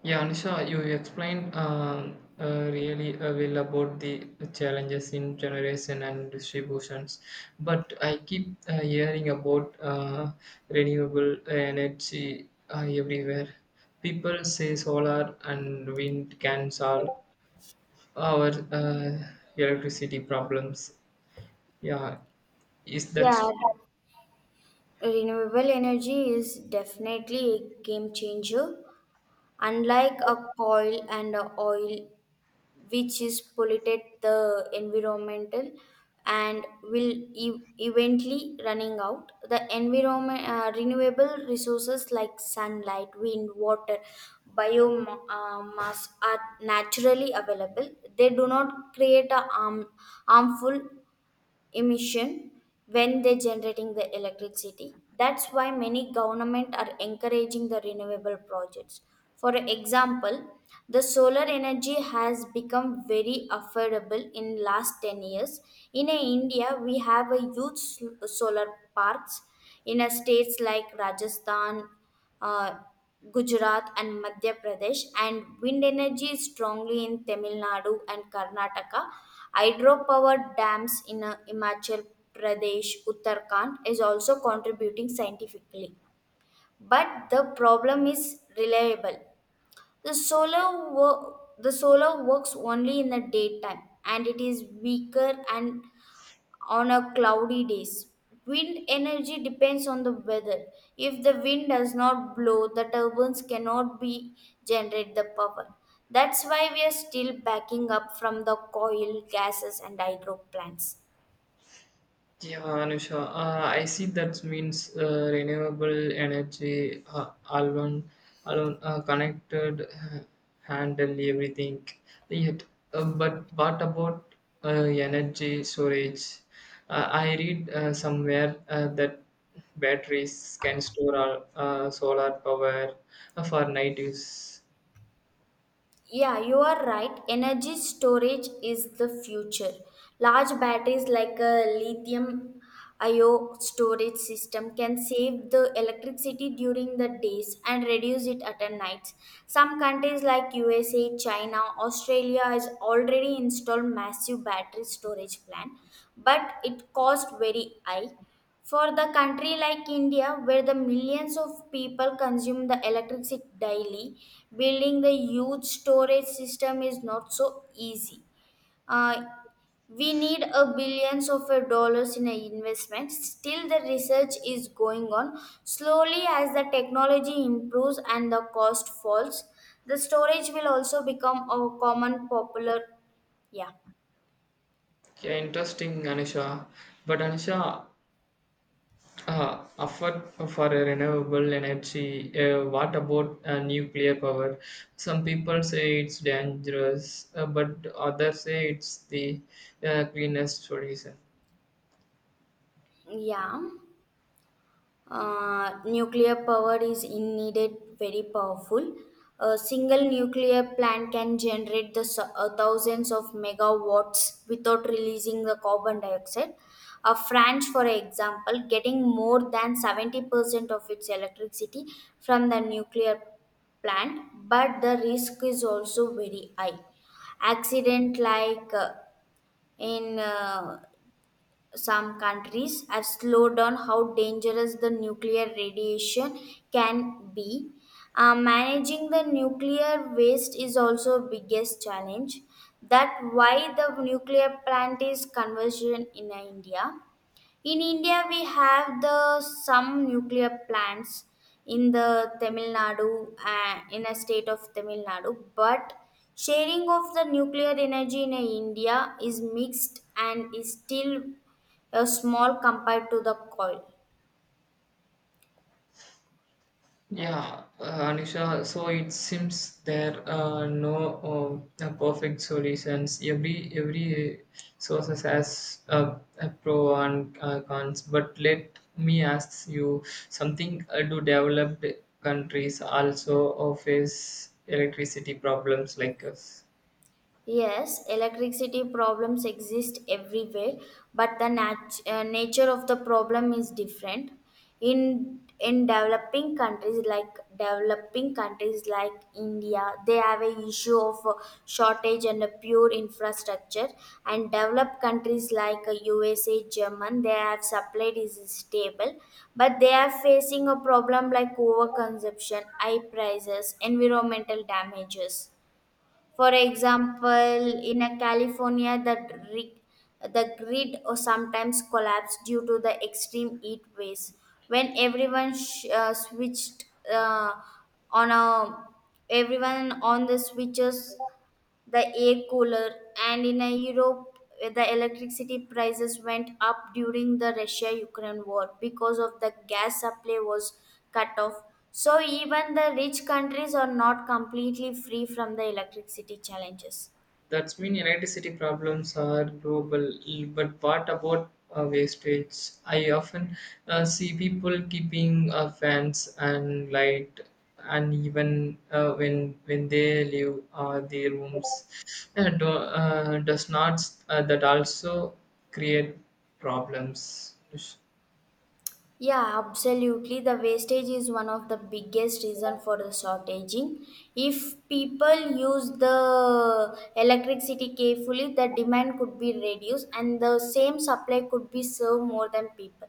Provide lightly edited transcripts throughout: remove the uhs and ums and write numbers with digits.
Yeah, Anisha, you explained really well about the challenges in generation and distributions. But I keep hearing about renewable energy everywhere. People say solar and wind can solve our electricity problems. Yeah, is that Renewable energy is definitely a game changer. Unlike a coal and a oil, which is polluted the environmental and will eventually running out, the environment renewable resources like sunlight, wind, water, biomass are naturally available. They do not create harmful emission when they're generating the electricity. That's why many government are encouraging the renewable projects. For example, the solar energy has become very affordable in last 10 years. In India, we have a huge solar parks in a states like Rajasthan, uh, Gujarat and Madhya Pradesh, and wind energy is strongly in Tamil Nadu and Karnataka. Hydropower dams in Himachal Pradesh, Uttarakhand is also contributing scientifically. But the problem is reliable. The solar works only in the daytime and it is weaker and on a cloudy days. Wind energy depends on the weather. If the wind does not blow, the turbines cannot be generate the power. That's why we are still backing up from the coal, gases and hydro plants. Yeah, Anusha, I see that means renewable energy alone, connected, handle everything. Yet, but what about energy storage? I read somewhere that batteries can store our, solar power for night use. Yeah, you are right. Energy storage is the future. Large batteries like a lithium ion storage system can save the electricity during the days and reduce it at a night. Some countries like USA, China, Australia has already installed massive battery storage plan, but it cost very high. For the country like India, where the millions of people consume the electricity daily, building the huge storage system is not so easy. Uh, we need a billions of a dollars in a investment. Still, the research is going on. Slowly, as the technology improves and the cost falls, the storage will also become a common popular. Yeah, Yeah, interesting, Anusha. But Anusha, effort for a renewable energy. What about nuclear power? Some people say it's dangerous, but others say it's the cleanest solution. yeah. Nuclear power is indeed very powerful. A single nuclear plant can generate the thousands of megawatts without releasing the carbon dioxide. France, for example, getting more than 70% of its electricity from the nuclear plant, but the risk is also very high. Accident like in some countries have slowed down how dangerous the nuclear radiation can be. Managing the nuclear waste is also biggest challenge. That why the nuclear plant is conversion in India. In India, we have the some nuclear plants in the Tamil Nadu, in a state of Tamil Nadu, but sharing of the nuclear energy in India is mixed and is still small compared to the coal. Yeah, Anisha, so it seems there are no no perfect solutions. Every source has a pro and cons. But let me ask you something. Do developed countries also face electricity problems like us? Yes, electricity problems exist everywhere, but the nature of the problem is different. In developing countries like India, they have a issue of shortage and a pure infrastructure. And developed countries like USA, German, they have supply is stable, but they are facing a problem like overconsumption, high prices, environmental damages. For example, in a California, the, dri- the grid or sometimes collapsed due to the extreme heat waves. When switched uh, on a everyone on the switches the air cooler and in a Europe the electricity prices went up during the Russia Ukraine war because of the gas supply was cut off. So even the rich countries are not completely free from the electricity challenges. That's mean electricity problems are global. But what about wastage? I often see people keeping fans and light and even when they leave their rooms does not that also create problems. Yeah, absolutely. The wastage is one of the biggest reason for the shortaging. If people use the electricity carefully, the demand could be reduced and the same supply could be served more than people.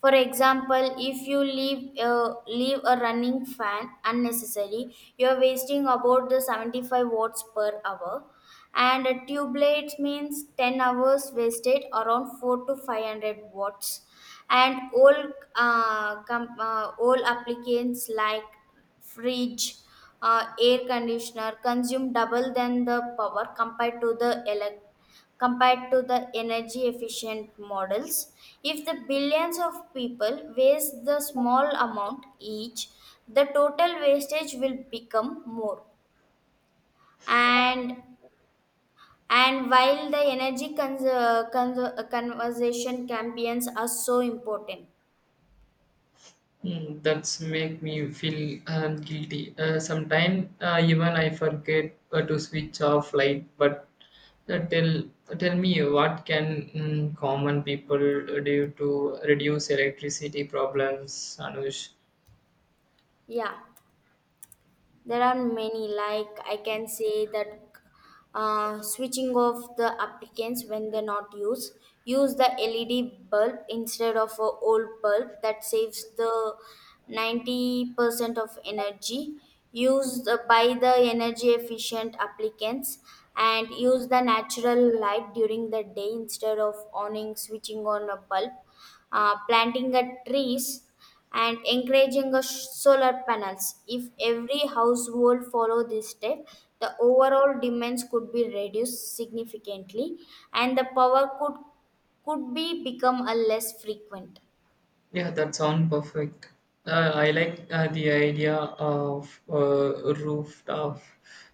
For example, if you leave a running fan unnecessary, you're wasting about the 75 watts per hour. And a tube blades means 10 hours wasted around 4 to 500 watts. And all applicants like fridge, air conditioner consume double than the power compared to the electric compared to the energy efficient models. If the billions of people waste the small amount each, the total wastage will become more. And and while the energy conservation campaigns are so important, Mm, that's make me feel guilty. Sometimes even I forget to switch off light. But uh, tell tell me what can common people do to reduce electricity problems, Anush? yeah. There are many, like I can say that switching off the applicants when they're not used, use the LED bulb instead of a old bulb that saves the 90% of energy, use the, by the energy efficient applicants and use the natural light during the day instead of owning switching on a bulb, planting a trees and encouraging a solar panels. If every household follow this step, the overall demands could be reduced significantly and the power could be become a less frequent. Yeah, that sounds perfect. I like the idea of rooftop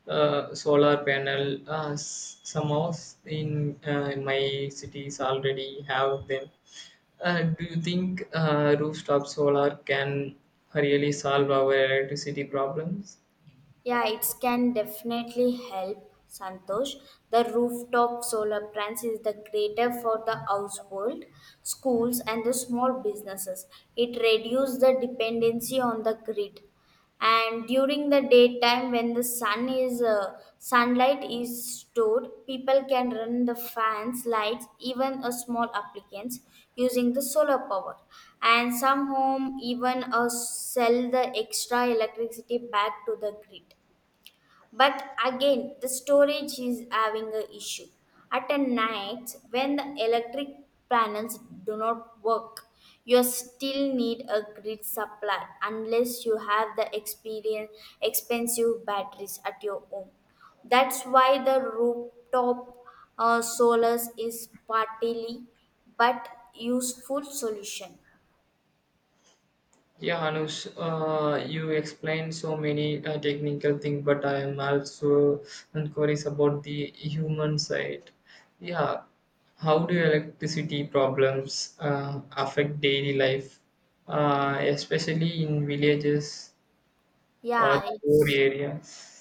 solar panel. Some house in my cities already have them. Do you think rooftop solar can really solve our electricity problems? Yeah, it can definitely help, Santosh. The rooftop solar plants is the greater for the household, schools and the small businesses. It reduces the dependency on the grid and during the daytime when the sunlight is stored, people can run the fans lights even a small applicants using the solar power, and some home even sell the extra electricity back to the grid. But again, the storage is having a issue. At a night, when the electric panels do not work, you still need a grid supply unless you have expensive batteries at your home. That's why the rooftop solars is partly but useful solution. Yeah, Anush, you explained so many technical things, but I am also curious about the human side. Yeah, how do electricity problems affect daily life, especially in villages or Yeah, poor it's areas?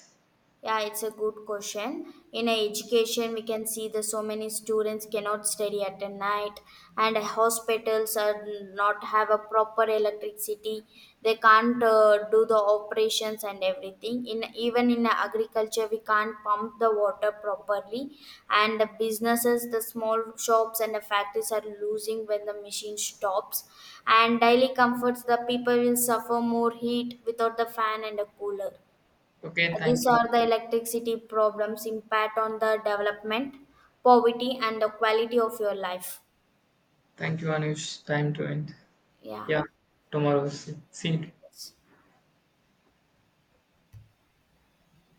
Yeah, it's a good question. In a education, we can see that so many students cannot study at a night, and hospitals are not have a proper electricity. They can't do the operations and everything. In even in agriculture, we can't pump the water properly, and the businesses, the small shops and the factories are losing when the machine stops. And daily comforts, the people will suffer more heat without the fan and a cooler. Okay, thank These you. are the electricity problems impact on the development, poverty, and the quality of your life. Thank you, Anush. Time to end. Yeah. Yeah, tomorrow. See you. Yes.